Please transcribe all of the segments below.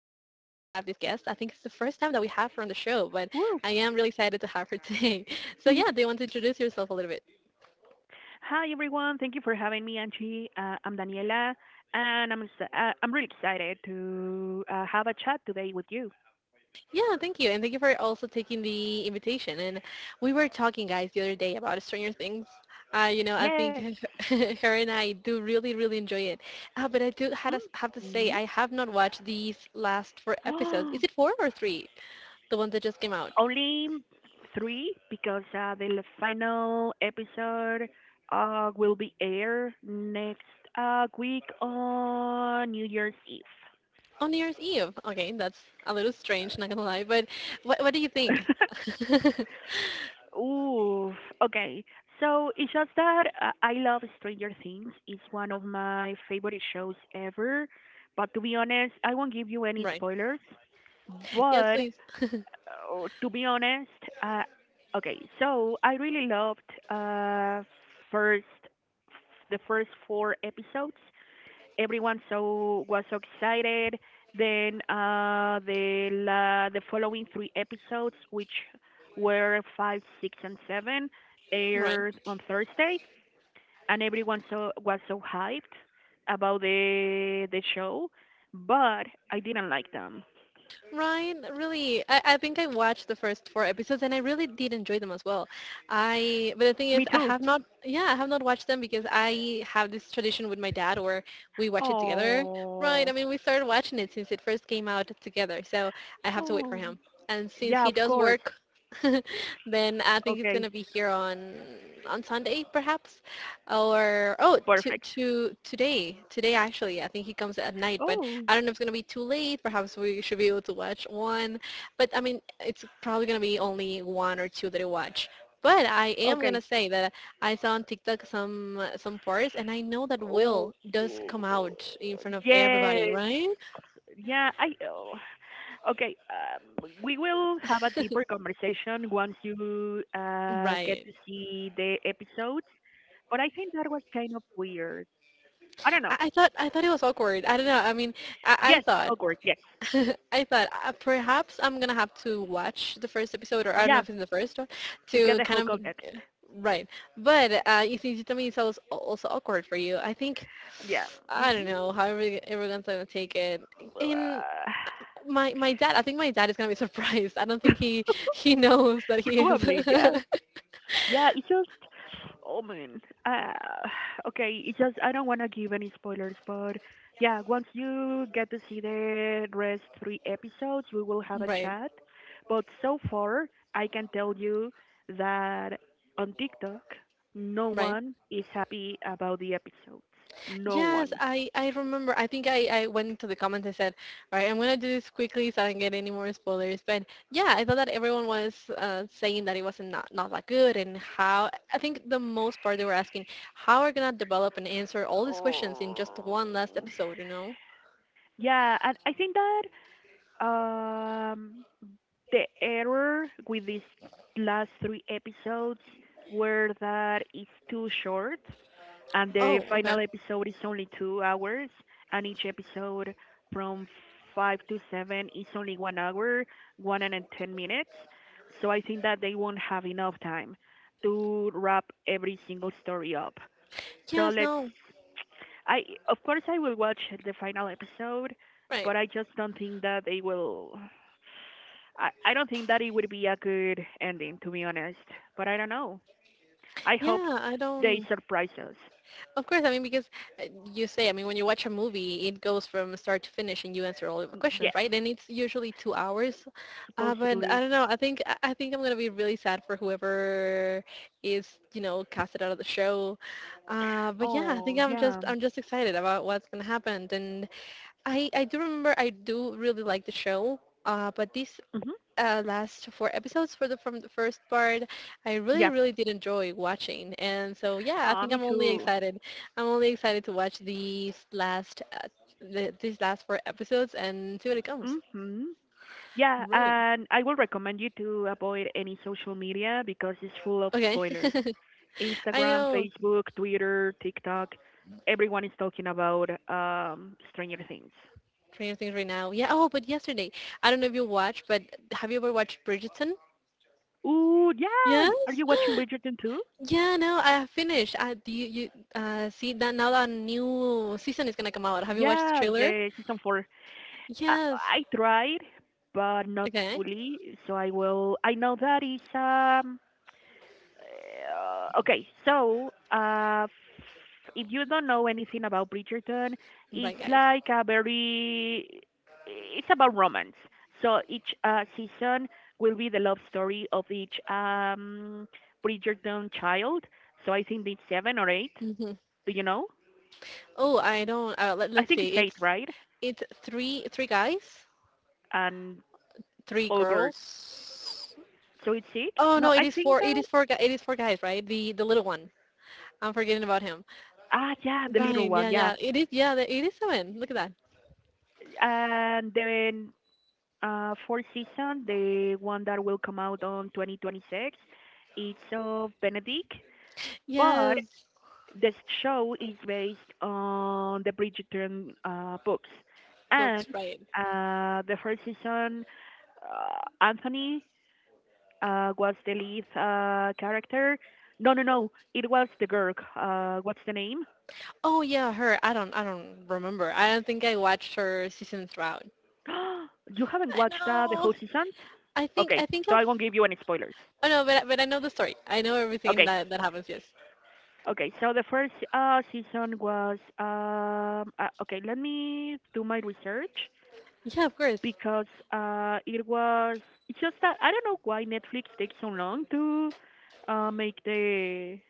this guest. I think it's the first time that we have her on the show, but I am Woo. really excited to have her today. So yeah, do you want to introduce yourself a little bit? Hi, everyone. Thank you for having me, Angie. I'm Daniela, and I'm really excited to have a chat today with you. Yeah, thank you. And thank you for also taking the invitation. And we were talking guys the other day about Stranger Things. I think Yes. her and I do really, really enjoy it. But I do had to have to say, hmm I have not watched these last four episodes. Is it four or three? The one that just came out? Only three because the final episode will be aired next week on New Year's Eve. On New Year's Eve. Okay, that's a little strange, not gonna lie. But what do you think? Oof. Okay. So it's just that I love Stranger Things. It's one of my favorite shows ever. But to be honest, I won't give you any Right. spoilers. Yes, But please. To be honest, uh, okay. So I really loved first the first four episodes. Everyone was so excited. Then the following three episodes, which were five, six, and seven, Right. aired on Thursday, and everyone was so hyped about the show, but I didn't like them. Ryan, really, I think I watched the first four episodes and I really did enjoy them as well. I but the thing is, Me I too. have not, yeah, I have not watched them because I have this tradition with my dad where we watch it together. Right? I Oh, mean, we started watching it since it first came out together, so I have to wait for oh, him. And since yeah, he of does course. work, then I think it's Okay, gonna be here on Sunday perhaps, to perfect. Today, today actually. I think he comes at night, but Oh, I don't know if it's going to be too late. Perhaps we should be able to watch one. But I mean, it's probably going to be only one or two that I watch. But I am going okay. to say that I saw on TikTok some parts and I know that Oh, Will does come out in front of everybody, yes, right? yeah. Okay, we will have a deeper conversation once you get Right. to see the episodes, but I think that was kind of weird. I don't know. I thought it was awkward. I don't know. I mean, I Yes, thought awkward, yes. I thought perhaps I'm going to have to watch the first episode, or I don't know Yeah, if it's the first one to get to the kind whole of, context. right. But you see, you told me it was also awkward for you. I think Yeah. I don't know Mm-mm. how everyone's gonna take it. And Uh, my dad, I think my dad is gonna be surprised. I don't think he knows that he is. Probably, yeah. Yeah, it's just. Oh man. Uh, okay, it's just I don't want to give any spoilers, but yeah, once you get to see the rest three episodes, we will have a Right, chat. But so far, I can tell you that on TikTok, no right. one is happy about the episodes. No one. Yes, I remember. I think I went into the comments. I said, all right, I'm gonna do this quickly so I don't get any more spoilers. But yeah, I thought that everyone was saying that it wasn't not that good, and how. I think the most part they were asking how are gonna develop and answer all these questions in Oh. just one last episode. You know? Yeah, and I think that um the error with these last three episodes were that it's too short, and the Oh, okay. final episode is only 2 hours, and each episode from five to seven is only 1 hour, 1 and 10 minutes. So I think that they won't have enough time to wrap every single story up. So Yes, let's. no. I Of course I will watch the final episode, Right. but I just don't think that they will. I don't think that it would be a good ending, to be honest. But I don't know. I hope Yeah, I they don't. surprise us. Of course, I mean because uh, you say, I mean when you watch a movie, it goes from start to finish, and you answer all of the Mm, questions, yes, right? And it's usually 2 hours. But I supposedly. don't know. I think I'm gonna be really sad for whoever is, you know, casted out of the show. But yeah, Oh, yeah. I'm just excited about what's gonna happen. And I do remember I do really like the show. But this Mm-hmm. Last four episodes for the from the first part. I really Yeah, really did enjoy watching, and so yeah, I think me I'm only too. excited. I'm only excited to watch these last these last four episodes and see what it comes. Mm-hmm. Yeah, Right. and I will recommend you to avoid any social media because it's full of Okay. spoilers. I Instagram, know. Facebook, Twitter, TikTok. Everyone is talking about Stranger Things. Trying to think right now. Yeah. Oh, but yesterday, I don't know if you watched, but have you ever watched Bridgerton? Ooh, yeah. Are Yes. you watching Bridgerton too? Yeah. No, I have finished. I do You, you see that now that new season is gonna come out. Have you watched Yeah, the trailer? the season four. I, Yes. I tried, but not Okay. fully. So I will. I know that is. Okay, so if you don't know anything about Bridgerton, it's Right, guys. like a very. It's about romance. So each season will be the love story of each Bridgerton child. So I think it's seven or eight. Hmm. Do you know? Oh, I don't. I Let's think see. it's eight, It's right? it's three guys, And three all girls. girls. So it's six? Oh No, no, it I is think four. That. It is four guys, right? The little one. I'm forgetting about him. Ah, yeah, the Right. little Yeah. one, Yeah. yeah. It is. Yeah. It is seven. Look at that. And then fourth season, the one that will come out on 2026, it's of Benedict, but Yes. this show is based on the Bridgerton books. Looks And right. The first season, Anthony was the lead character. No, no, no, it was the girl. What's the name? Oh yeah. Her. I don't. I don't remember. I don't think I watched her season throughout. You haven't I watched the know. whole seasons? I think. Okay, I think. so I've, I won't give you any spoilers. oh no. But I know the story. I know everything Okay, that that happens. Yes. Okay, so the first season was okay. Let me do my research Yeah. Of course. because it was. It's just that I don't know why Netflix takes so long to make the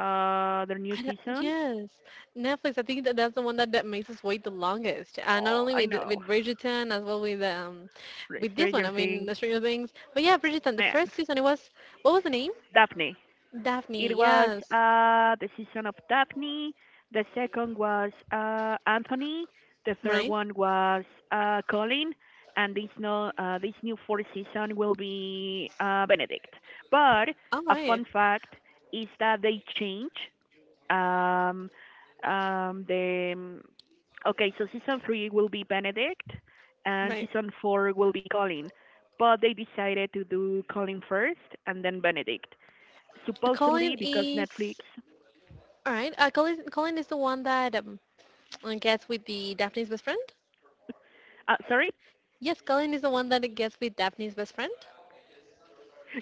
uh, their I new don't, seasons. yes, Netflix. I think that that's the one that makes us wait the longest. And not Oh, only I know. with Bridgerton, as well with this one. I Stranger mean, Things, the Stranger Things. But yeah, Bridgerton. The first man, season, it was what was the name? Daphne. Daphne. It was Yes. The season of Daphne. The second was Anthony. The third Right. one was Colin. And no, this new fourth season will be Benedict. But All a right. fun fact is that they change um, the. Okay, so season three will be Benedict, and Right. season four will be Colin. But they decided to do Colin first and then Benedict supposedly Colin because Netflix. is all right. Colin is the one that gets with the Daphne's best friend. Sorry, Yes, Colin is the one that gets with Daphne's best friend.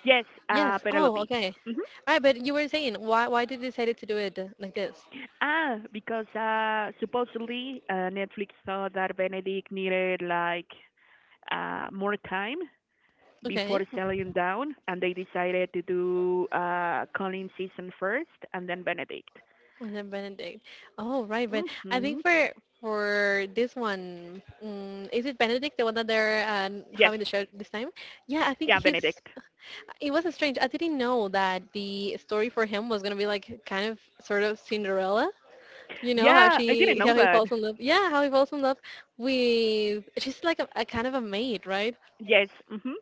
yes, Yes. Oh, Penelope. okay. hmm All right. But you were saying why did you decide to do it like this? Ah, because supposedly Netflix thought that Benedict needed like more time Okay. before settling down, and they decided to do Colin season first and then Benedict. Was it Benedict? Oh, right. But I hmm think for this one, mm is it Benedict the one that they're Yes, having the show this time? Yeah, I think yeah, he's. Benedict. It was strange. I didn't know that the story for him was gonna be like kind of sort of Cinderella. You know how Yeah, I didn't she know how he that. falls in love. Yeah, how he falls in love with she's like a kind of a maid, right? Yes. Hmm.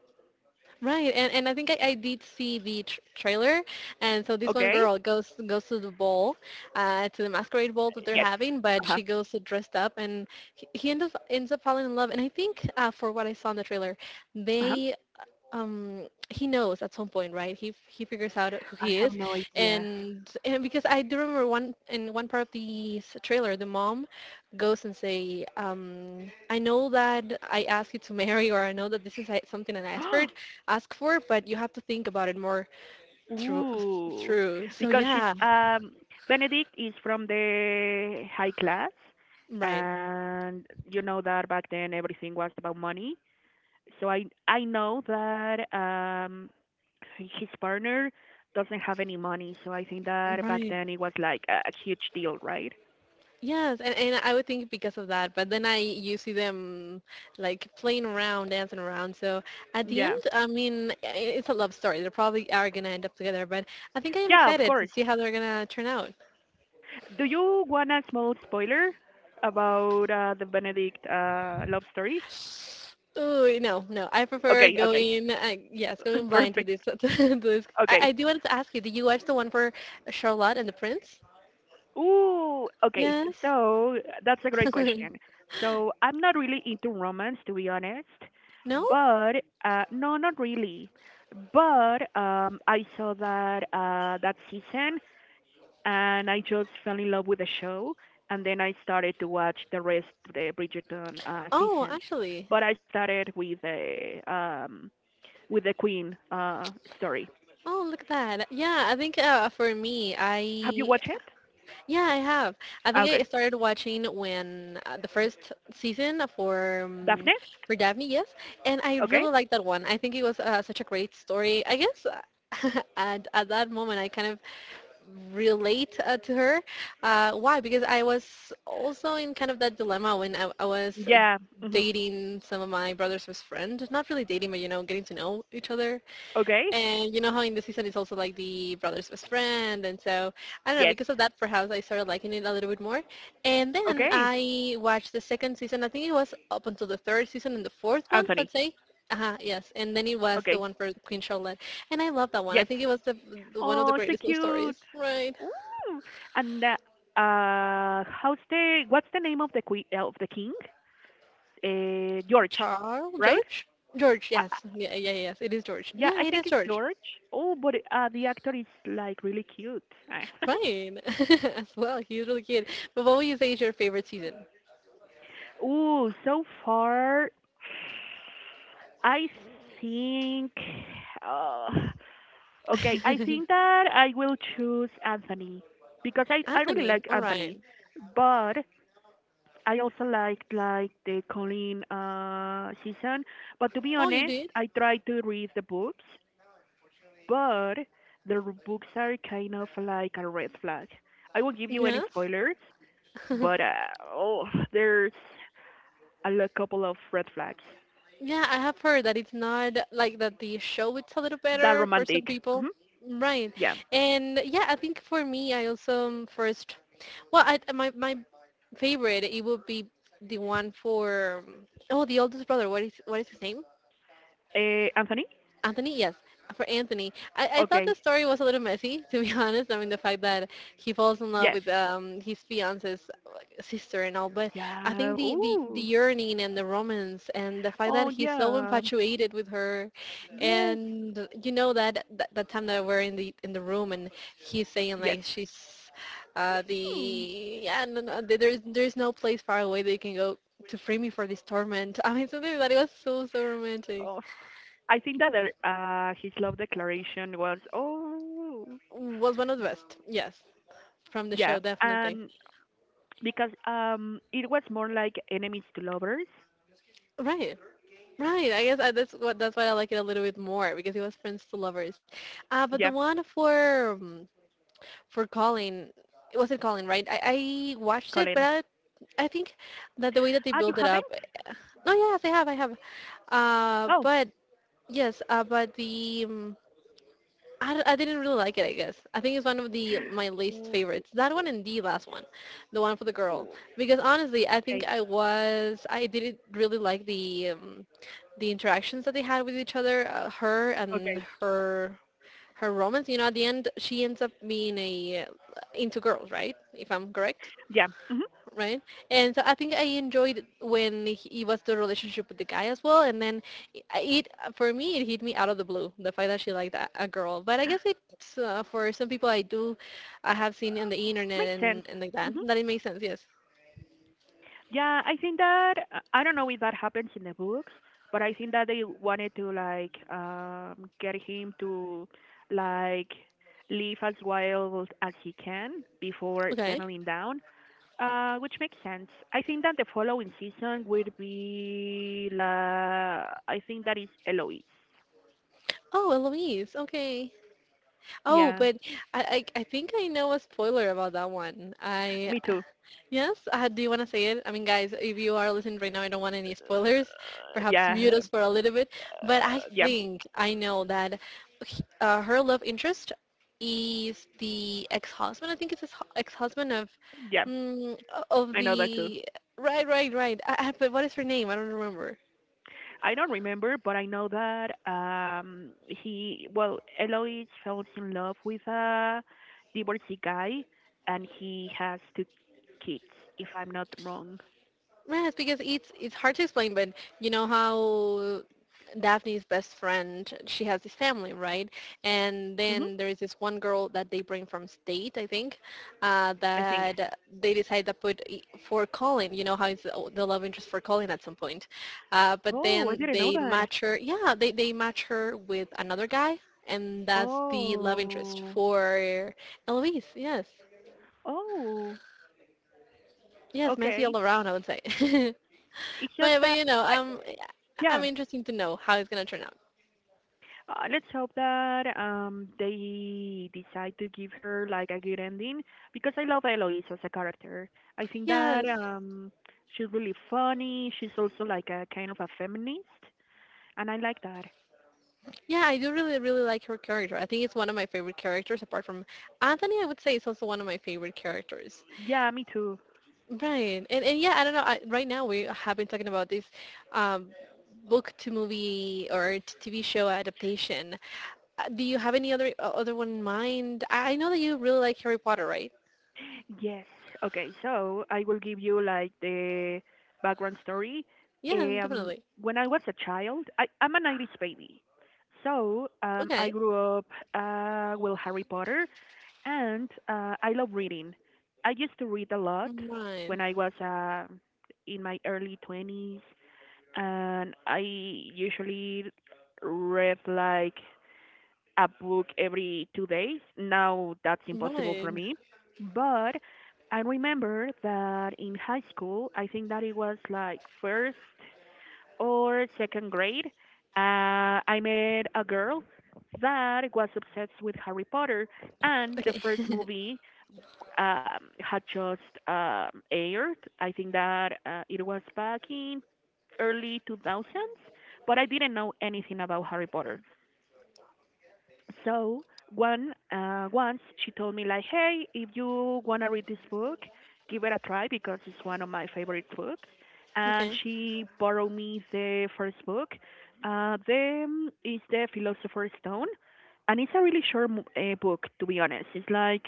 Right, and I think I did see the trailer, and so this one Okay. girl goes to the ball, to the masquerade ball that they're Yes. having, but Uh she huh. goes dressed up, and he ends up falling in love. And I think, for what I saw in the trailer, Uh huh. they he knows at some point, right? He figures out who I he is. have no idea. And because I do remember one in one part of the trailer, the mom goes and say, um, I know that I asked you to marry, or I know that this is like something an expert ask for, but you have to think about it more through Ooh, through. So because she's yeah, Benedict is from the high class, right, and you know that back then everything was about money. So I know that his partner doesn't have any money, so I think that back right. then it was like a huge deal, right? Yes, and I would think because of that, but then I you see them like playing around, dancing around. So at the end, Yeah, I mean, it's a love story. They probably are gonna end up together, but I think I am yeah, of excited to course. see how they're gonna turn out. Do you want a small spoiler about the Benedict love story? Oh no, no, I prefer Okay, okay, going. Yes, going blind to perfect. this. To this. Okay. I do want to ask you, did you watch the one for Charlotte and the Prince? Ooh, okay. Yes. So that's a great question. So I'm not really into romance, to be honest. No? But no, not really. But I saw that that season, and I just fell in love with the show. And then I started to watch the rest of the Bridgerton Oh, seasons. actually. But I started with the Queen story. Oh, look at that. Yeah, I think for me, Have you I watched it? Yeah, I have. I think I Okay, started watching when the first season Daphne. for Daphne, yes, and I Okay, really liked that one. I think it was such a great story. I guess at that moment I kind of relate to her. Why? Because I was also in kind of that dilemma when I was yeah. Hmm. dating some of my brother's best friend. Not really dating, but you know, getting to know each other, Okay. and you know how in the season it's also like the brother's best friend, and so I don't know. Yes. Because of that, perhaps I started liking it a little bit more. And then Okay. I watched the second season. I think it was up until the third season and the fourth one, let's Anthony. say. Uh-huh, yes. And then it was the Okay. one for Queen Charlotte, and I love that one. I Yes. think it was the one of Oh, the so greatest love cute. stories, right? Ooh. And how's the what's the name of the queen of the king? George, Charles, right? George, George. Uh, uh, Yes, yeah, yeah, yes. It is George. yeah, Yeah, I it is think it's George. George. Oh, but the actor is like really cute. Fine, as well. He's really cute. But what would you say is your favorite season? Oh, so far I think. Uh, okay, I think that I will choose Anthony because I really Anthony, like all Anthony, right. but I also liked like the Colleen season, but to be Oh, you honest, did? I tried to read the books, but books are kind of like a red flag. I won't give you any Yes. spoilers, but oh, there's couple of red flags. Yeah, I have heard that it's not like that, the show it's a little That better for some romantic. people. Hmm, Right. yeah. And yeah, I think for me, I also first, well, my favorite, it would be the one for, oh, the oldest brother. What is his name? Anthony, Anthony, yes, for Anthony. I thought the okay, story was a little messy, to be honest. I mean, the fact that he falls in love yes, with his fiance's like, sister and all, but I yeah, think the ooh, yearning and the romance and the fact that oh he's so yeah, infatuated with her, yes, and you know that that time that we're in the room, and he's saying yes. like she's Hmm. the yeah no, no, there's no place far away that you can go to free me for this torment. I mean, something like that, it was so romantic. Oh, I think that his love declaration was. Oh, Was one of the best. Yes, from the yeah, show, definitely. and because it was more like enemies to lovers. Right, right. I guess that's what that's why I like it a little bit more because it was friends to lovers. But the Yeah, one for Colin, it wasn't Colin, right? I watched it, Colin. but I think that the way that they Ah, you build it up. haven't? No, yes, I have. Oh, But yes, but the I, d- I didn't really like it, I guess. I think it's one of the my least favorites. That one and the last one, the one for the girl. oh, Because honestly, I think okay, I was I didn't really like the interactions that they had with each other, her and okay. her her romance. You know, at the end, she ends up being a into girls, right? If I'm correct, Yeah, right? And so I think I enjoyed when he was the relationship with the guy as well. And then i- it, for me, it hit me out of the blue, the fact that she liked a girl. But I guess it's for some people I do, I have seen on the makes internet sense. and like Hmm. that it makes sense, yes. Yeah, I think that I don't know if that happens in the books, but I think that they wanted to like get him to like live as wild as he can before Okay. settling down. Which makes sense. I think that the following season will be la. I think that is Eloise. Oh, Eloise. Okay. Oh, Yeah, but I think I know a spoiler about that one. I me too. yes, do you want to say it? I mean, guys, if you are listening right now, I don't want any spoilers. Perhaps Yeah, mute us for a little bit. But I yeah, think I know that her love interest is the ex-husband. I think it's his ex-husband of yeah. mm, of I know that too. the right, right, right. But what is her name? I don't remember. I don't remember, but I know that he well Eloise falls in love with a divorcee guy, and he has two kids. If I'm not wrong. Yes, because it's hard to explain, but you know how Daphne's best friend, she has this family, right? And Mhm. then there is this one girl that they bring from state, I think, I think. that they decide to for Colin. You know how it's the oh, the love interest for Colin at some point, but Oh, I then didn't know they that. match her. Yeah, they match her with another guy, and that's the love interest Oh. for Eloise. Yes, Oh. yes, messy Okay. all around, I would say. It's just But that, you know, I, yeah. I'm interested to know how it's gonna turn out. Let's hope that they decide to give her like a good ending because I love Eloise as a character. I think that Yes. She's really funny. She's also like a kind of a feminist, and I like that. Yeah, I do really like her character. I think it's one of my favorite characters apart from Anthony. I would say it's also one of my favorite characters. Yeah, me too. Right. And yeah, I don't know. I, right now we have been talking about this um, book to movie or TV show adaptation. Do you have any other other one in mind? I know that you really like Harry Potter, right? Yes. Okay, so I will give you like the background story. Yeah, Um, definitely. when I was a child, I'm an Irish baby. So I Okay. grew up with Harry Potter, and I love reading. I used to read a lot when Right. I was in my early 20s, and I usually read like a book every 2 days. Now that's impossible for Right. me, but I remember that in high school, I think that it was like first or second grade, I met a girl that was obsessed with Harry Potter, and the Okay. first movie had just aired. I think that it was back in early 2000s, but I didn't know anything about Harry Potter. So one once she told me like, "Hey, if you wanna read this book, give it a try because it's one of my favorite books." And Okay. she borrowed me the first book. The Is the Philosopher's Stone, and it's a really short book to be honest. It's like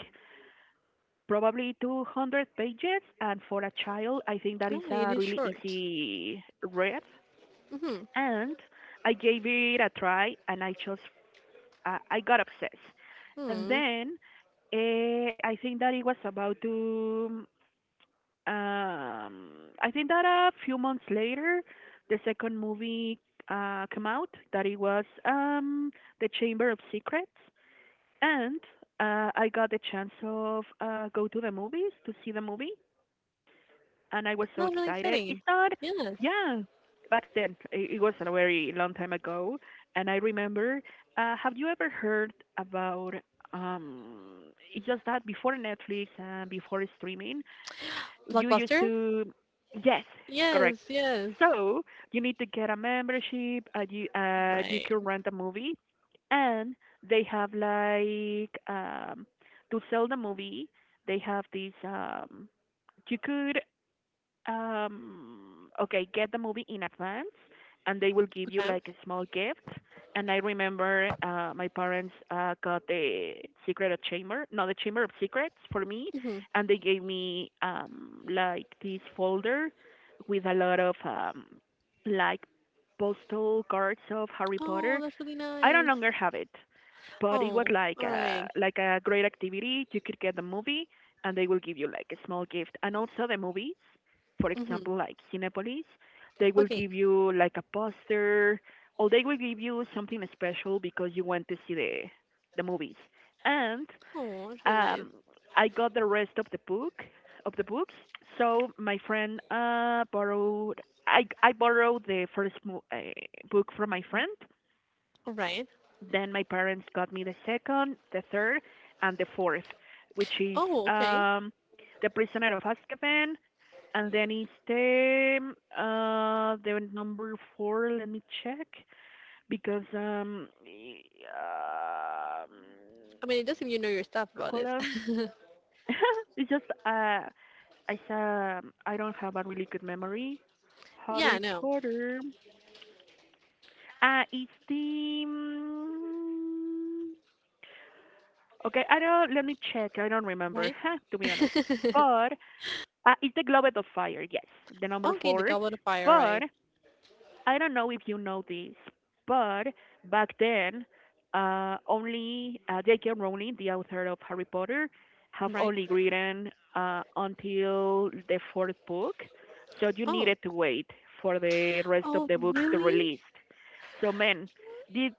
probably 200 pages and for a child I think that Right. is It a is really short. easy read Mm-hmm. and I gave it a try and I just I got obsessed and Hmm. then I think that it was about to. um, I think that a few months later the second movie came out that it was the Chamber of Secrets and I got the chance of go to the movies to see the movie and I was so Not really excited. It's fitting. not. Yes. Yeah, back then it was a very long time ago, and I remember. Have you ever heard about? It's just that before Netflix and before streaming, you used Blockbuster? to, yes, correct. Yes, yes. So you need to get a membership. You Right. can rent a movie, and they have like to sell the movie. They have these. You could okay get the movie in advance, and they will give you Okay. like a small gift. And I remember my parents got The Secret of Chamber, not The Chamber of Secrets, for me, Mm-hmm. and they gave me like this folder with a lot of like postal cards of Harry Potter. Oh, that's really I no nice. longer have it, but it was Oh, like all a right. like a great activity. You could get the movie, and they will give you like a small gift, and also the movies. For Mm-hmm. example, like Cinepolis, they will Okay. give you like a poster, or they will give you something special because you went to see the movies. And Oh, that's really nice. um, I got the rest of the books. So my friend borrowed. I borrowed the first book from my friend, All right. then my parents got me the second, the third, and the fourth, which is Oh, okay. um, The Prisoner of Azkaban, and then it's the number four. Let me check because um I mean, it does seem you know your stuff about this. it's just I don't have a really good memory. Yeah, Harry I know. Potter. Uh, it's the mm, Okay, I don't. Let me check. I don't remember, Right? huh, to be honest. But it's the Globe of Fire. Yes, the number Okay, the four. Goblet of Fire, But right. I don't know if you know this. But back then, only J.K. Rowling, the author of Harry Potter, have Right. only written until the fourth book. So you needed Oh. to wait for the rest of Oh, the books to really? release. So, man, did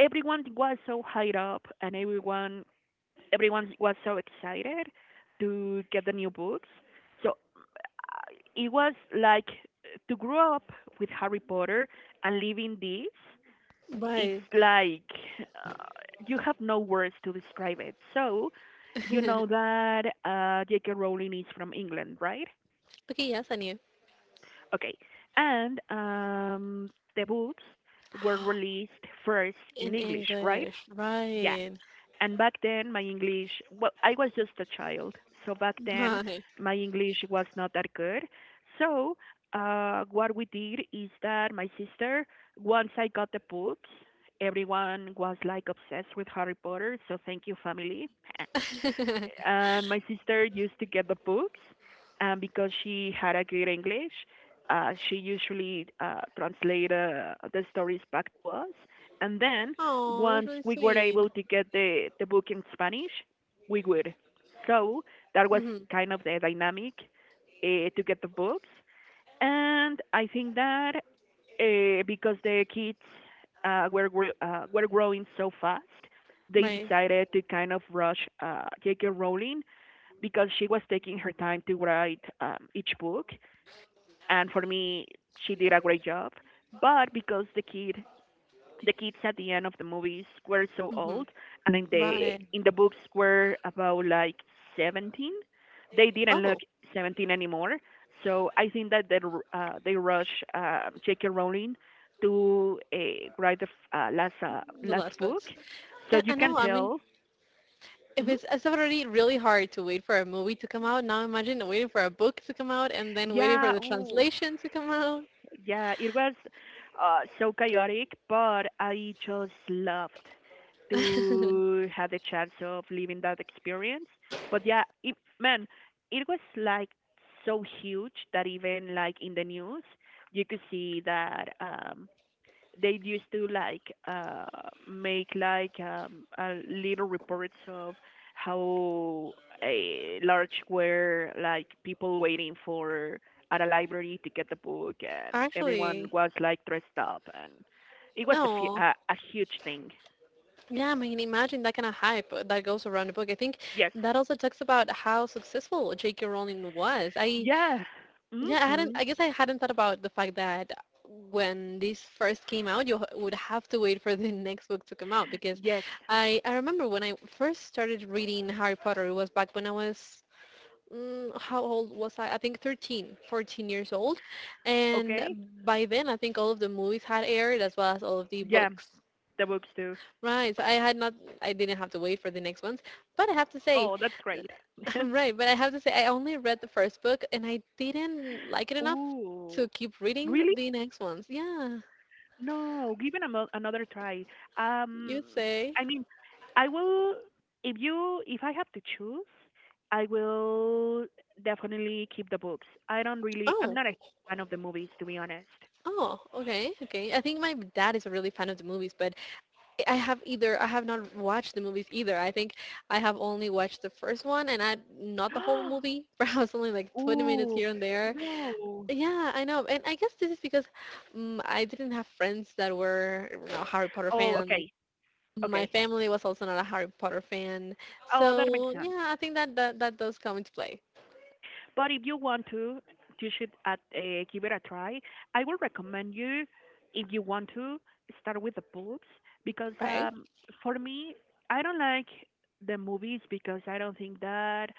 everyone was so high up, and everyone was so excited to get the new books. So it was like to grow up with Harry Potter and living this. It's Right. like uh, you have no words to describe it. So you know Okay, that J.K. Rowling is from England, right? yes, I knew. Okay, and the books were released first in In English, right? English, Yeah. right. And back then my English, well, I was just a child, so back then Right. my English was not that good. So what we did is that my sister, once I got the books, everyone was like obsessed with Harry Potter, so thank you, family. And my sister used to get the books, and because she had a good English, she usually translated the stories back to us. And then, Oh, that's once really we were sweet. able to get the book in Spanish, we would. So that was Mhm. kind of the dynamic to get the books. And I think that because the kids were growing so fast, they Right. decided to kind of rush J.K. Rowling because she was taking her time to write each book. And for me, she did a great job. But because the kids at the end of the movies were so old, Mhm. and Right. In the books were about like 17, they didn't look Oh, 17 anymore. So I think that they rush J.K. Rowling to write the f- uh, last uh, the last last book, books. so And you I can know, I mean, tell. if hmm it's already really hard to wait for a movie to come out, now imagine waiting for a book to come out and then waiting for Yeah, the ooh, translation to come out. yeah, it was so chaotic, but I just loved to have the chance of living that experience. But yeah, it, man, it was like so huge that even like in the news, you could see that they used to like make like little reports of how a large were like people waiting for at a library to get the book, and everyone Actually, was like dressed up. And it was a, fu- oh. a, a huge thing. Yeah, I mean, imagine that kind of hype that goes around the book. I think Yes. that also talks about how successful J.K. Rowling was. I Yeah. yeah, I hadn't. Mhm. I guess I hadn't thought about the fact that when this first came out, you would have to wait for the next book to come out because Yes. I remember when I first started reading Harry Potter, it was back when I was mm, how old was I? I think 13, 14 years old, and Okay. by then I think all of the movies had aired as well as all of the Yeah, books. the books too. Right, so I had not, I didn't have to wait for the next ones, but I have to say, Oh, that's great. right, but I have to say I only read the first book and I didn't like it enough to Ooh, keep reading really? the next ones. Yeah, No, give it another try. Um, you say. I mean, I will. If I have to choose, I will definitely keep the books. I don't really. I'm Oh, not a fan of the movies, to be honest. oh, okay, okay. I think my dad is a really fan of the movies, but I have not watched the movies either. I think I have only watched the first one and I not the whole movie, perhaps only like 20 minutes Ooh, here and there. no. Yeah, I know. And I guess this is because mm I didn't have friends that were, you know, Harry Potter Oh, fans. okay, My okay. family was also not a Harry Potter fan. Oh, that makes So sense. yeah, I think that that does come into play, But if you want to, you should give it a try. I would recommend you, if you want to, start with the boobs because right? For me, I don't like the movies because I don't think that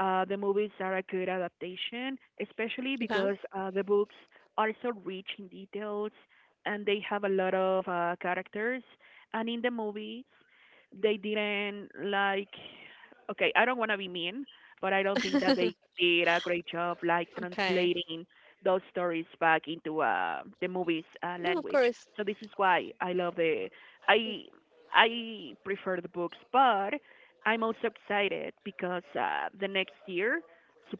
the movies are a good adaptation, especially Okay. because the books are so rich in details, and they have a lot of characters. And in the movies, they didn't like, okay, I don't want to be mean, but I don't think that they did a great job like Okay. translating those stories back into the movies No, of language. course. So this is why I love the I I prefer the books. But I'm also excited because the next year,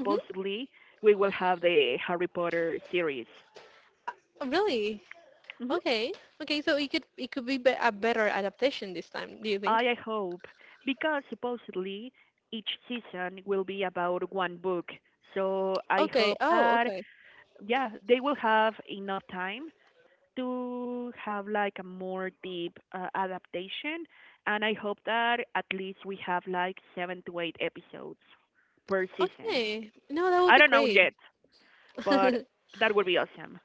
Hmm. we will have the Harry Potter series. Really? hmm Okay. Okay, so it could be a better adaptation this time, do you I think? I hope, because supposedly each season will be about one book. So I Okay. hope Oh, that, okay. yeah, they will have enough time to have like a more deep adaptation, and I hope that at least we have like seven to eight episodes per season. Okay. No, that would I be don't know great. yet, but that would be awesome.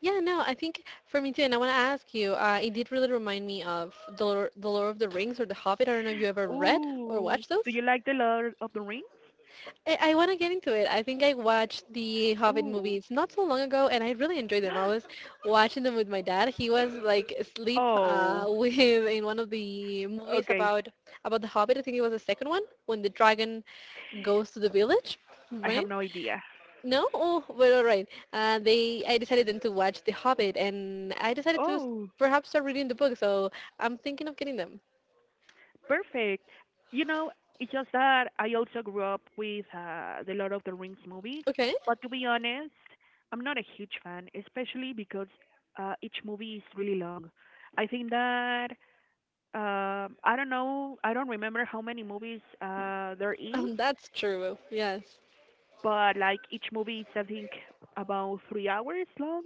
Yeah, no, I think for me too, and I want to ask you, it did really remind me of The Lord, The Lord of the Rings or The Hobbit. I don't know if you ever read or Ooh. watched Do those. you like The Lord of the Rings? I want to get into it. I think I watched the Hobbit Ooh. movies not so long ago, and I really enjoyed them. I was watching them with my dad. He was like asleep Oh, with in one of the movies okay. About the Hobbit. I think it was the second one when the dragon goes to the village, I right? have no idea. No, oh, but all right. They I decided then to watch the Hobbit, and I decided to Oh. perhaps start reading the book. So I'm thinking of getting them. Perfect. You know, it's just that I also grew up with the Lord of the Rings movies, Okay, but to be honest, I'm not a huge fan, especially because each movie is really long. I think that I don't know, I don't remember how many movies there is, that's true. Yes. but like each movie is, I think, about 3 hours long.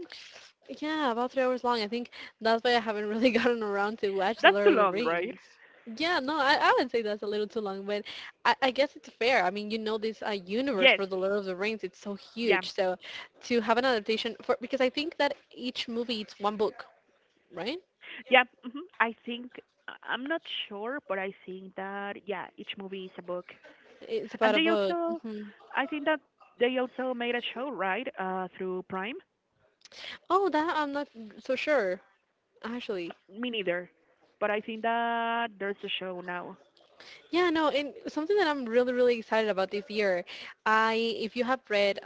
Yeah, about 3 hours long. I think that's why I haven't really gotten around to watch The That's too Lord of the long, right? Rings. Yeah, no, I would say that's a little too long, but I guess it's fair. I mean, you know this universe Yes, for The Lord of the Rings, it's so yeah, huge. So to have an adaptation for, because I think that each movie it's one book, right? yeah. I think am not sure, but I think that, yeah, each movie is a book, It's about and a they book. also, Hmm. I think that they also made a show, right, through Prime. Oh, that I'm not so sure, actually. Me neither, but I think that there's a show now. Yeah, no, and something that I'm really, really excited about this year, I, if you have read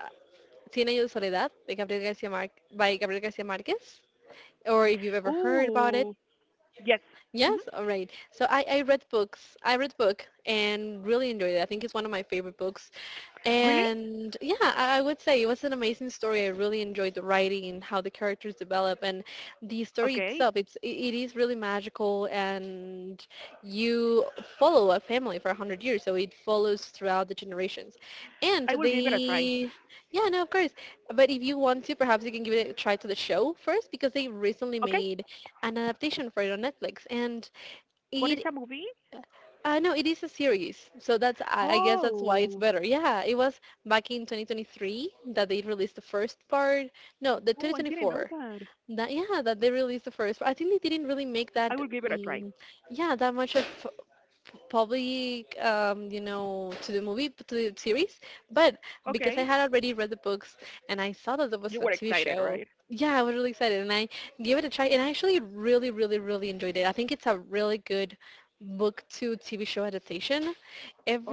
Cien años de soledad by by Gabriel Garcia Marquez, or if you've ever heard about it. Ooh, yes. Hmm. Yes, all right. So I read books. I read the book and really enjoyed it. I think it's one of my favorite books. Really? And yeah, I would say it was an amazing story. I really enjoyed the writing, how the characters develop, and the story Okay, itself. It is really magical, and you follow a family for a hundred years, so it follows throughout the generations. And I will give it a try. they, yeah, no, of course. But if you want to, perhaps you can give it a try to the show first because they recently Okay, made an adaptation for it on Netflix, and what is it a movie? No, it is a series, so that's I guess that's why it's Oh, better. Yeah, it was back in 2023 that they released the first part. No, the oh, I didn't know 2024. that. That yeah, that they released the first part. I think they didn't really make I that. will give it a try. Yeah, that much of probably you know, to the movie to the series, but because I Okay. had already read the books and I saw that there was a You were TV excited, show, right? yeah I was really excited and I gave it a try and I actually really enjoyed it. I think it's a really good book to TV show adaptation.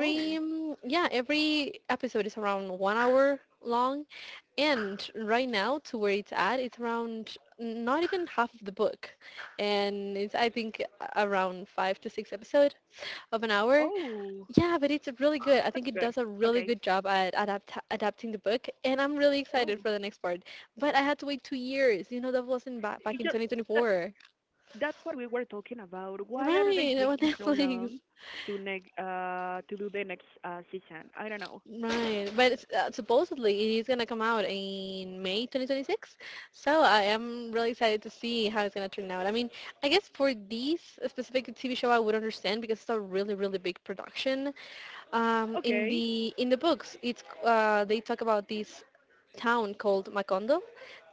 Oh, yeah, every episode is around 1 hour long, and right now to where it's at, it's around not even half of the book, and it's I think around 5 to 6 episodes of an hour. oh, Yeah, but it's really good. I think that's it good. does a really good Okay. job at adapting the book, and I'm really excited for Oh, the next part. But I had to wait 2 years. You know, that wasn't, back back it in just that, 2024. that's what we were talking about. Why are they Right, on taking so Netflix. long to do the next season? I don't know. Right, but it's, supposedly it is gonna come out in May 2026. So I am really excited to see how it's gonna turn out. I mean, I guess for this specific TV show, I would understand because it's a really, really big production. Okay. In the books, it's they talk about this town called Macondo.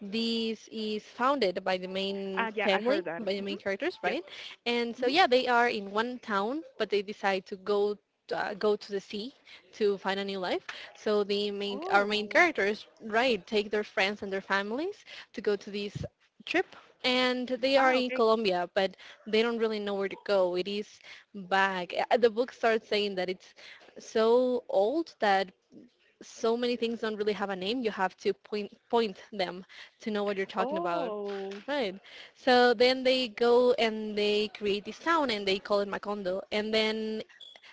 This is founded by the main Yeah, I've family, heard that. by the main Hmm. characters, Yes. right? And so Hmm. yeah, they are in one town, but they decide to go go to the sea to find a new life. So the main our main Oh. characters, right, take their friends and their families to go to this trip. And they are Ah, in okay. Colombia, but they don't really know where to go. It is back. The book starts saying that it's so old that so many things don't really have a name. You have to point them to know what you're talking about, Oh. right? So then they go and they create this town and they call it Macondo. And then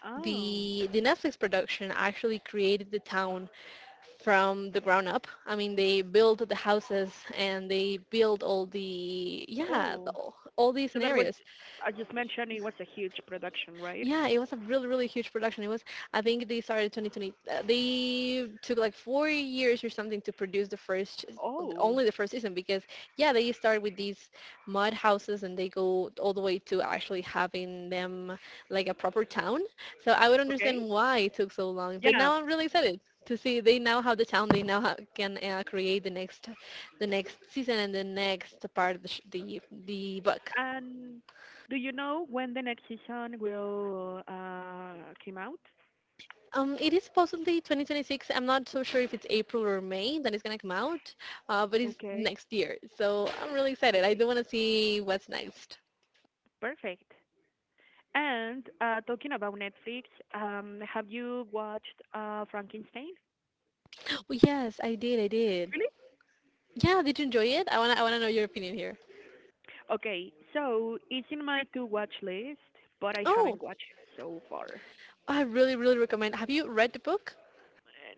Um. the Netflix production actually created the town from the ground up. I mean, they built the houses and they built all the yeah Oh. All these So that was scenarios. I just mentioned it was a huge production, right? Yeah, it was a really, really huge production. It was, I think they started 2020. They took like 4 years or something to produce the first, Oh. only the first season because, yeah, they start with these mud houses and they go all the way to actually having them like a proper town. So I would understand Okay. why it took so long. But now Yeah. I'm really excited to see they now have the town. They now ha can create the next season and the next part of the book. And do you know when the next season will come out? It is possibly 2026. I'm not so sure if it's April or May that it's gonna come out, but it's Okay. next year. So I'm really excited. I Okay. do want to see what's next. Perfect. And talking about Netflix, have you watched Frankenstein? Oh yes, I did. I did. Really? Yeah, did you enjoy it? I wanna know your opinion here. Okay. So it's in my to watch list, but I Oh, haven't watched it so far. I really really recommend. Have you read the book?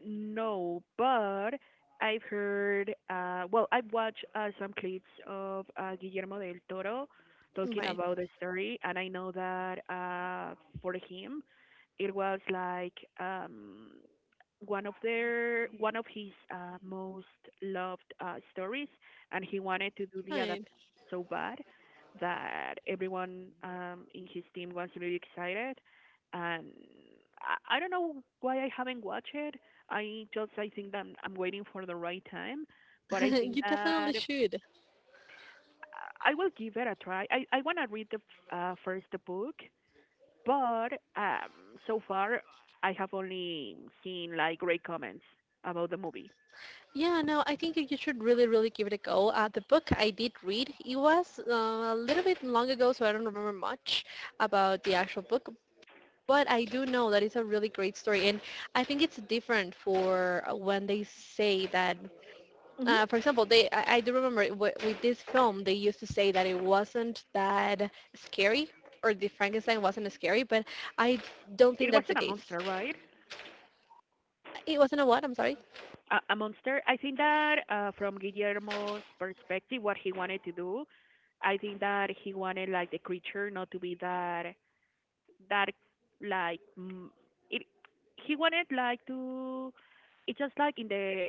No, but I've heard, well, I've watched some clips of Guillermo del Toro talking Right. about the story, and I know that for him, it was like one of his most loved stories, and he wanted to do the adaptation Right. so bad that everyone in his team was really excited, and I don't know why I haven't watched it. I just, I think that I'm waiting for the right time, but I think You that definitely should. I will give it a try. I want to read first the book, but so far I have only seen like great comments about the movie. Yeah, no, I think that you should really, really give it a go. The book I did read, it was a little bit long ago, so I don't remember much about the actual book. But I do know that it's a really great story, and I think it's different for when they say that. Hmm. For example, they I do remember it with this film they used to say that it wasn't that scary, or the Frankenstein wasn't scary, but I don't It think wasn't that's a the case. monster, right? It wasn't a what? I'm sorry. A monster. I think that from Guillermo's perspective, what he wanted to do, I think that he wanted, like, the creature not to be that. That, like, mm, it he wanted, like, to, it's just like in the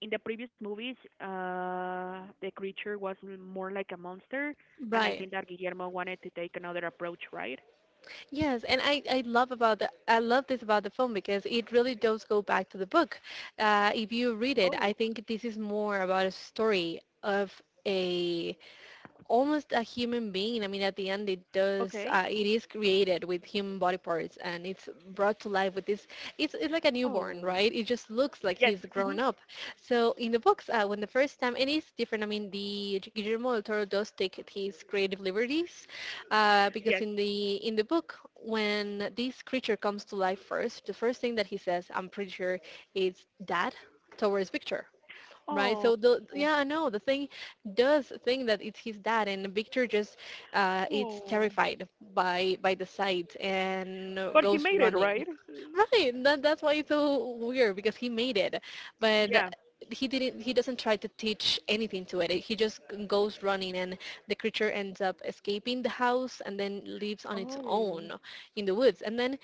in the previous movies, the creature was more like a monster, and I Right. think that Guillermo wanted to take another approach, right? Yes, and I love about the, I love this about the film because it really does go back to the book. If you read it, I Oh, think this is more about a story of a almost a human being. I mean, at the end, it does. okay. It is created with human body parts, and it's brought to life with this. It's like a newborn, Oh, right? It just looks like yes. he's Hmm. grown up. So in the books, when the first time, it's different. I mean, the Guillermo del Toro does take his creative liberties, Yes. because in the book, when this creature comes to life first, the first thing that he says, I'm pretty sure, is "Dad" towards Victor, right? Oh. So the yeah no the thing does think that it's his dad, and Victor just, it's Oh, terrified by the sight and, but he goes made it, running. right? Right, that's why it's so weird, because he made it, but yeah. he didn't he doesn't try to teach anything to it. He just goes running, and the creature ends up escaping the house and then lives on its own Oh. in the woods. And then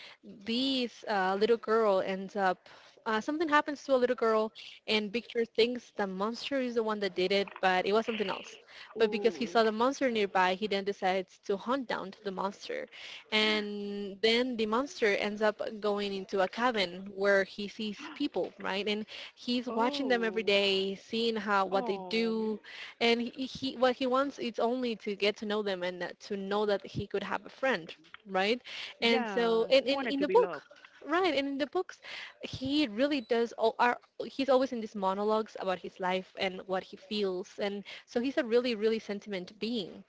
this, little girl ends up, something happens to a little girl, and Victor thinks the monster is the one that did it, but it was something else. But because he Oh. saw the monster nearby, he then decides to hunt down the monster. And then the monster ends up going into a cabin where he sees people, right? And he's watching them every Oh. day, seeing how what they Oh, do, and he what he wants is only to get to know them and, to know that he could have a friend, right? And yeah, so, and, he and wanted in to the be book, loved. right, and in the books, he really does all, are he's always in these monologues about his life and what he feels, and so he's a really really sentiment being.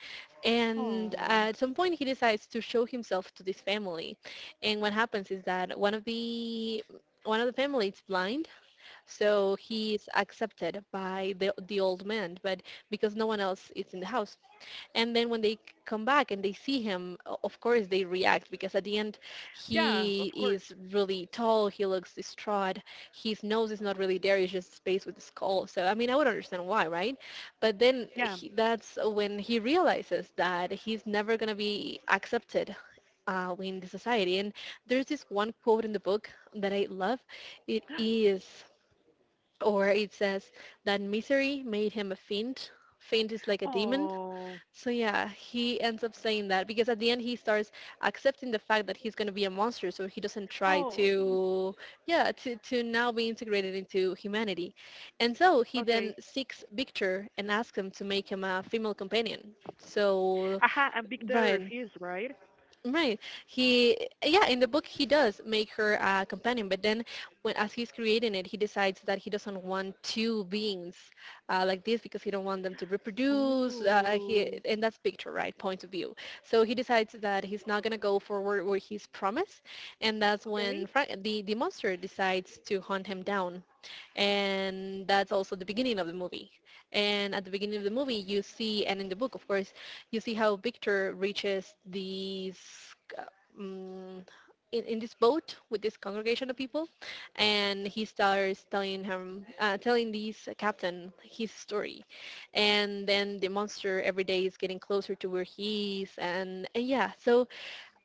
And Oh. at some point he decides to show himself to this family, and what happens is that one of the family is blind, so he's accepted by the old man, but because no one else is in the house. And then when they come back and they see him, of course they react, because at the end Yeah, he of course. is really tall, he looks distraught, his nose is not really there, it's just space with the skull. So I mean, I would understand why, right? But then Yeah. he, that's when he realizes that he's never going to be accepted in the society. And there's this one quote in the book that I love. It is, or it says, that misery made him a fiend. Fiend is like a demon. Oh. So yeah, he ends up saying that because at the end he starts accepting the fact that he's going to be a monster, so he doesn't try Oh. to, yeah, to now be integrated into humanity. And so he Okay. then seeks Victor and asks him to make him a female companion. So Aha, and Victor Brian, refused, right? right. He, yeah, in the book he does make her a companion, but then when as he's creating it, he decides that he doesn't want two beings like this because he don't want them to reproduce. He, Ooh. and that's picture, right? Point of view. So he decides that he's not gonna go forward with his promise, and that's Okay. when Frank, the monster decides to hunt him down, and that's also the beginning of the movie. And at the beginning of the movie, you see, and in the book, of course, you see how Victor reaches these, uh, mm, in this boat with this congregation of people, and he starts telling him, telling this captain his story. And then the monster every day is getting closer to where he is, and yeah, so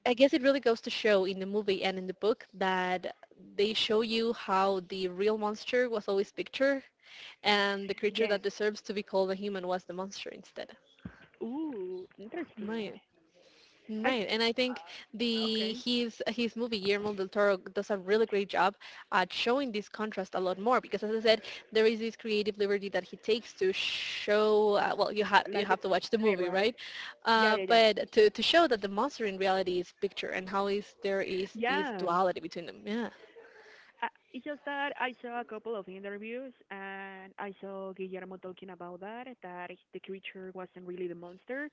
I guess it really goes to show in the movie and in the book that they show you how the real monster was always Victor, and the creature Yes. that deserves to be called a human was the monster instead. Ooh. Interesting. Right. I. Right, and I think the Okay. His movie Guillermo del Toro does a really great job at showing this contrast a lot more because, as I said, there is this creative liberty that he takes to show. Well, you Like they have to watch the died, movie, right? right? Yeah, yeah, yeah. But to show that the monster in reality is picture and how is there is this Yeah. duality between them. Yeah. I, it's just that I saw a couple of interviews, and I saw Guillermo talking about that the creature wasn't really the monster,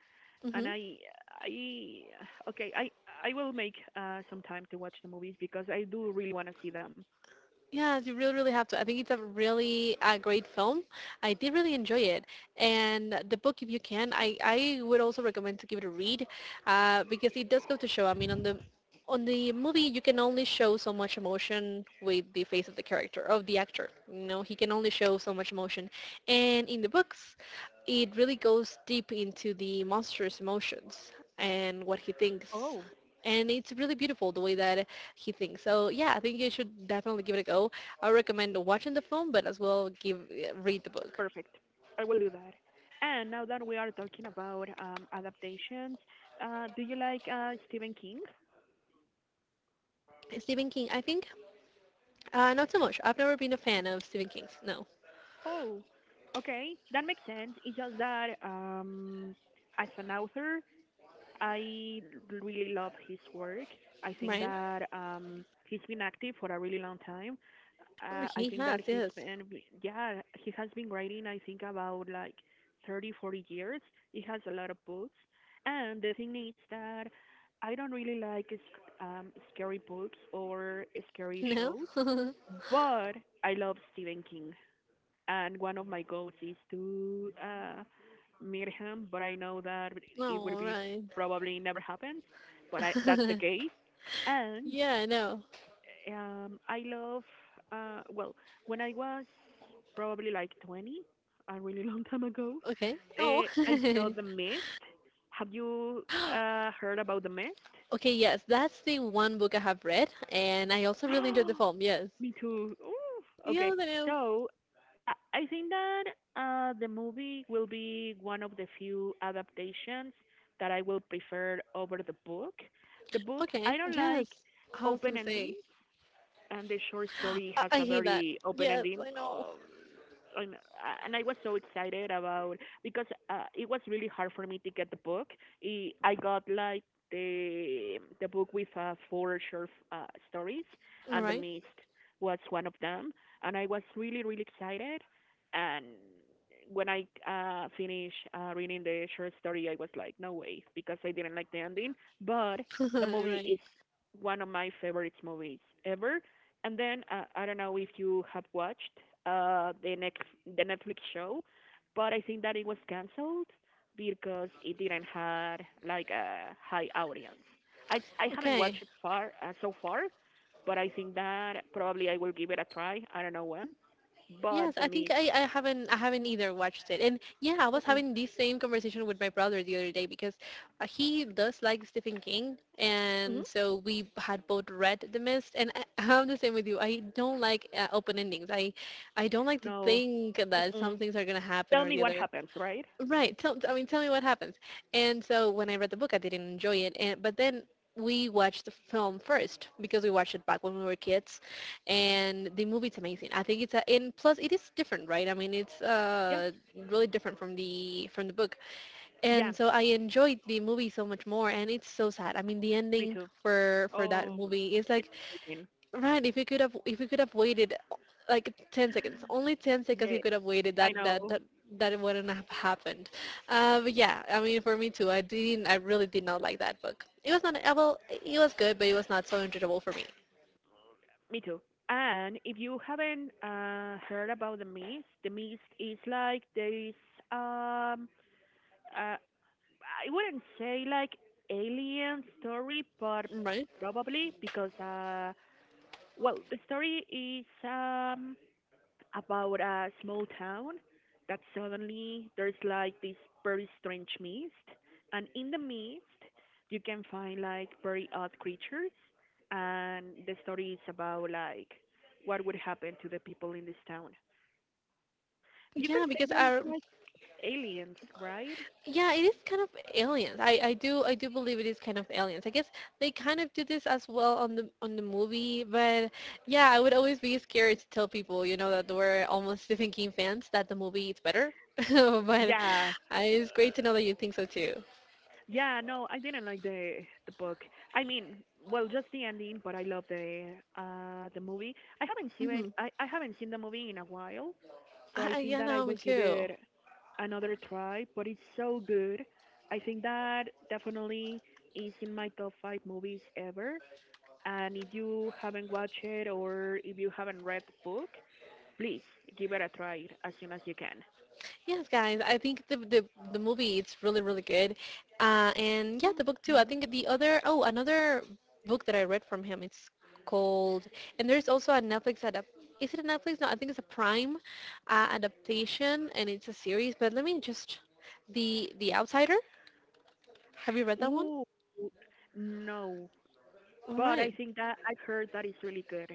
and I okay I will make some time to watch the movies because I do really want to see them. Yeah, you really, really have to. I think it's a really great film. I did really enjoy it. And the book, if you can, I would also recommend to give it a read because it does go to show. I mean, on the movie, you can only show so much emotion with the face of the character, of the actor. You know, he can only show so much emotion. And in the books, it really goes deep into the monster's emotions and what he thinks, Oh, and it's really beautiful the way that he thinks. So yeah, I think you should definitely give it a go. I recommend watching the film, but as well give read the book. perfect. I will do that. And now that we are talking about adaptations, do you like Stephen King? Stephen King, I think, not so much. I've never been a fan of Stephen King's. No, Oh, okay, that makes sense. It's just that as an author, I really love his work. I think right? that he's been active for a really long time. I He think that has, he's yes. been, yeah, he has been writing, I think, about like 30, 40 years. He has a lot of books. And the thing is that I don't really like scary books or scary No. shows, Oh, but I love Stephen King. And one of my goals is to meet him, but I know that it would be right. probably never happens, but that's the case. And Yeah, no. I love, uh, well, when I was probably like 20, a really long time ago, Okay. Oh. I saw The Mist. Have you heard about The Mist? Okay. Yes, that's the one book I have read, and I also really enjoyed the film. Yes. Me too. Ooh, Yeah, okay. I know. So I think that the movie will be one of the few adaptations that I will prefer over the book. The book, I Okay. don't like Yes. I was open gonna endings. say. And the short story has a I hate that. very open Yes, ending. I know. And, and I was so excited about because it was really hard for me to get the book. I got like the book with four short stories, All and The right. Mist was one of them. And I was really excited. And when I finished reading the short story, I was like, no way, because I didn't like the ending. But the movie Right. is one of my favorite movies ever. And then I don't know if you have watched the Netflix show, but I think that it was canceled because it didn't have like a high audience. I haven't watched Okay. it far so far, but I think that probably I will give it a try. I don't know when, but Yes, the I think Mist. I haven't either watched it. And yeah, I was having this same conversation with my brother the other day because he does like Stephen King, Hmm. and so we had both read The Mist. And I, I'm the same with you. I don't like open endings. I don't like to No. think that Mm-mm. some things are gonna happen Tell or me the what other. happens, right? Right. Tell, I mean, tell me what happens. And so when I read the book, I didn't enjoy it. And but then we watched the film first because we watched it back when we were kids, and the movie's amazing. I think it's a, and plus it is different, right? I mean, it's Yes. really different from the book. Yeah. And so I enjoyed the movie so much more, and it's so sad. I mean, the Me ending too. for that Oh, movie is like... freaking. Right, if you could have waited like 10 seconds, only 10 seconds Yeah, you could have waited I that that know. that that wouldn't have happened. But yeah, I mean for me too. I really did not like that book. It was not well, it was good, but it was not so enjoyable for me. Me too. And if you haven't heard about the Mist, the Mist is like there is um uh, I wouldn't say like alien story, but Right? probably because well, the story is about a small town that suddenly there's like this very strange mist, and in the mist you can find like very odd creatures, and the story is about like what would happen to the people in this town. You can Yeah, say because that it's I like aliens, right? Yeah, it is kind of aliens. I do believe it is kind of aliens. I guess they kind of do this as well on the movie, but yeah, I would always be scared to tell people, that we're almost Stephen King fans that the movie is better. But Yeah, It's great to know that you think so too. yeah, no, I didn't like the book, I mean, well, just the ending, but I love the movie. I haven't seen, Hmm. I haven't seen the movie in a while. So I think Yeah, that no, I me will give too. it another try, but it's so good. I think that definitely is in my top five movies ever. And if you haven't watched it or if you haven't read the book, please give it a try as soon as you can. Yes, guys. I think the the movie it's really really good, and yeah, the book too. I Mm-hmm. think the other oh another book that I read from him it's called... and there's also a Netflix adapt. Is it a Netflix? No, I think it's a Prime adaptation, and it's a series. But let me just... the Outsider. Have you read that one? Ooh, no. All But I right. think that I've heard that it's really good.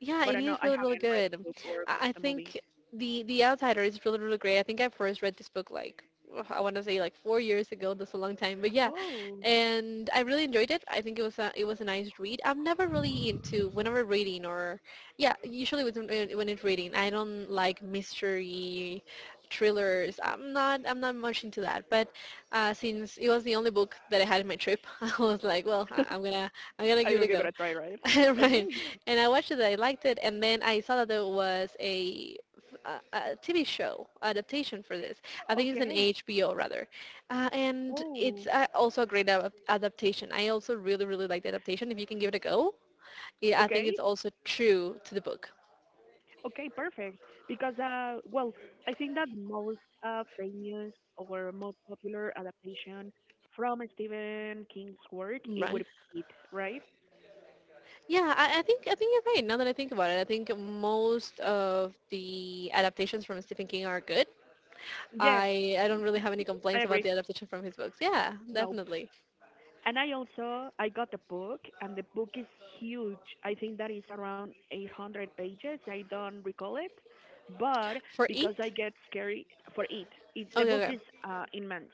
Yeah, But I it know is I really, really haven't read the good. Book or I watched I the movie. think The Outsider is really, really great. I think I first read this book like I want to say like 4 years ago. That's a long time, but yeah, Oh, and I really enjoyed it. I think it was a nice read. I'm never really into whenever reading or yeah, usually with when it's reading, I don't like mystery thrillers. I'm not much into that. But since it was the only book that I had in my trip, I was like, well, I'm gonna I give it will a give it go. a try, right? Right. Okay. And I watched it, I liked it, and then I saw that there was a TV show adaptation for this. I think it's an Okay. HBO rather. And it's Oh, also a great adaptation. I also really, really like the adaptation. If you can give it a go, yeah, I think okay. it's also true to the book. Okay, perfect. Because, I think that most famous or most popular adaptation from Stephen King's work it would Right. be it, right? Yeah, I think you're right. Now that I think about it, I think most of the adaptations from Stephen King are good. Yes, I don't really have any complaints I about the agree. adaptation from his books. Yeah, No. definitely. And I also I got the book, and the book is huge. I think that is around 800 pages. I don't recall it, but For because I eight, get scary for it, it the okay, book okay. is immense,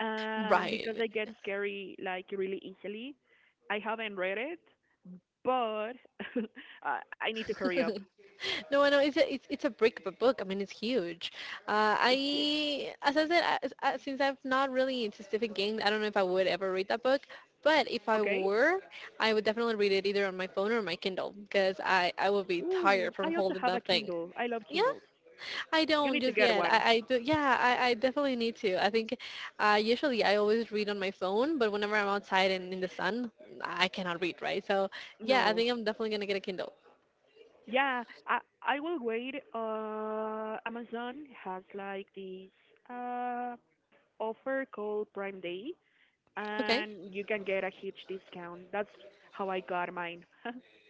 and because Right. I get scary like really easily, I haven't read it, but I need to hurry up. No, no, it's a brick of a book. I mean, it's huge. It's huge. I, as I said, since I've not really into Stephen King, I don't know if I would ever read that book. But if I Okay. were, I would definitely read it either on my phone or my Kindle because I would be Ooh, tired from I also holding have a that thing. Kindle. I love Yeah, Kindles. I You don't need to just get yet. One. Yeah, I definitely need to. I think usually I always read on my phone, but whenever I'm outside and in the sun, I cannot read, right? So yeah, I No. think I'm definitely gonna get a Kindle. Yeah, I will wait. Amazon has like this uh offer called Prime Day, Okay. and you can get a huge discount. That's how I got mine.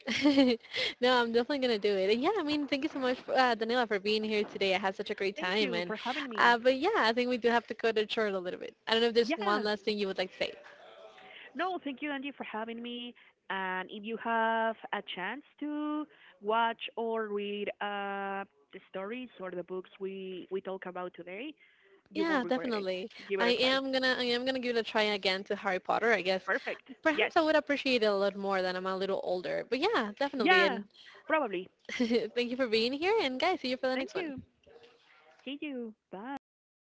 No, I'm definitely gonna do it. And yeah, I mean, thank you so much, Daniela, for being here today. I had such a great Thank time, you and for having me. but yeah, I think we do have to cut it short a little bit. I don't know if there's one Yeah, last thing you would like to say. no, thank you, Angie, for having me. And if you have a chance to watch or read the stories or the books we talk about today, you Yeah, won't regret it. definitely. Give it a try. I am gonna give it a try again to Harry Potter. I guess Perfect. Yes. perhaps I would appreciate it a lot more than I'm a little older. But yeah, definitely. Yeah, And probably. thank you for being here. And guys, see you for the next Thank one. you. See you. Bye.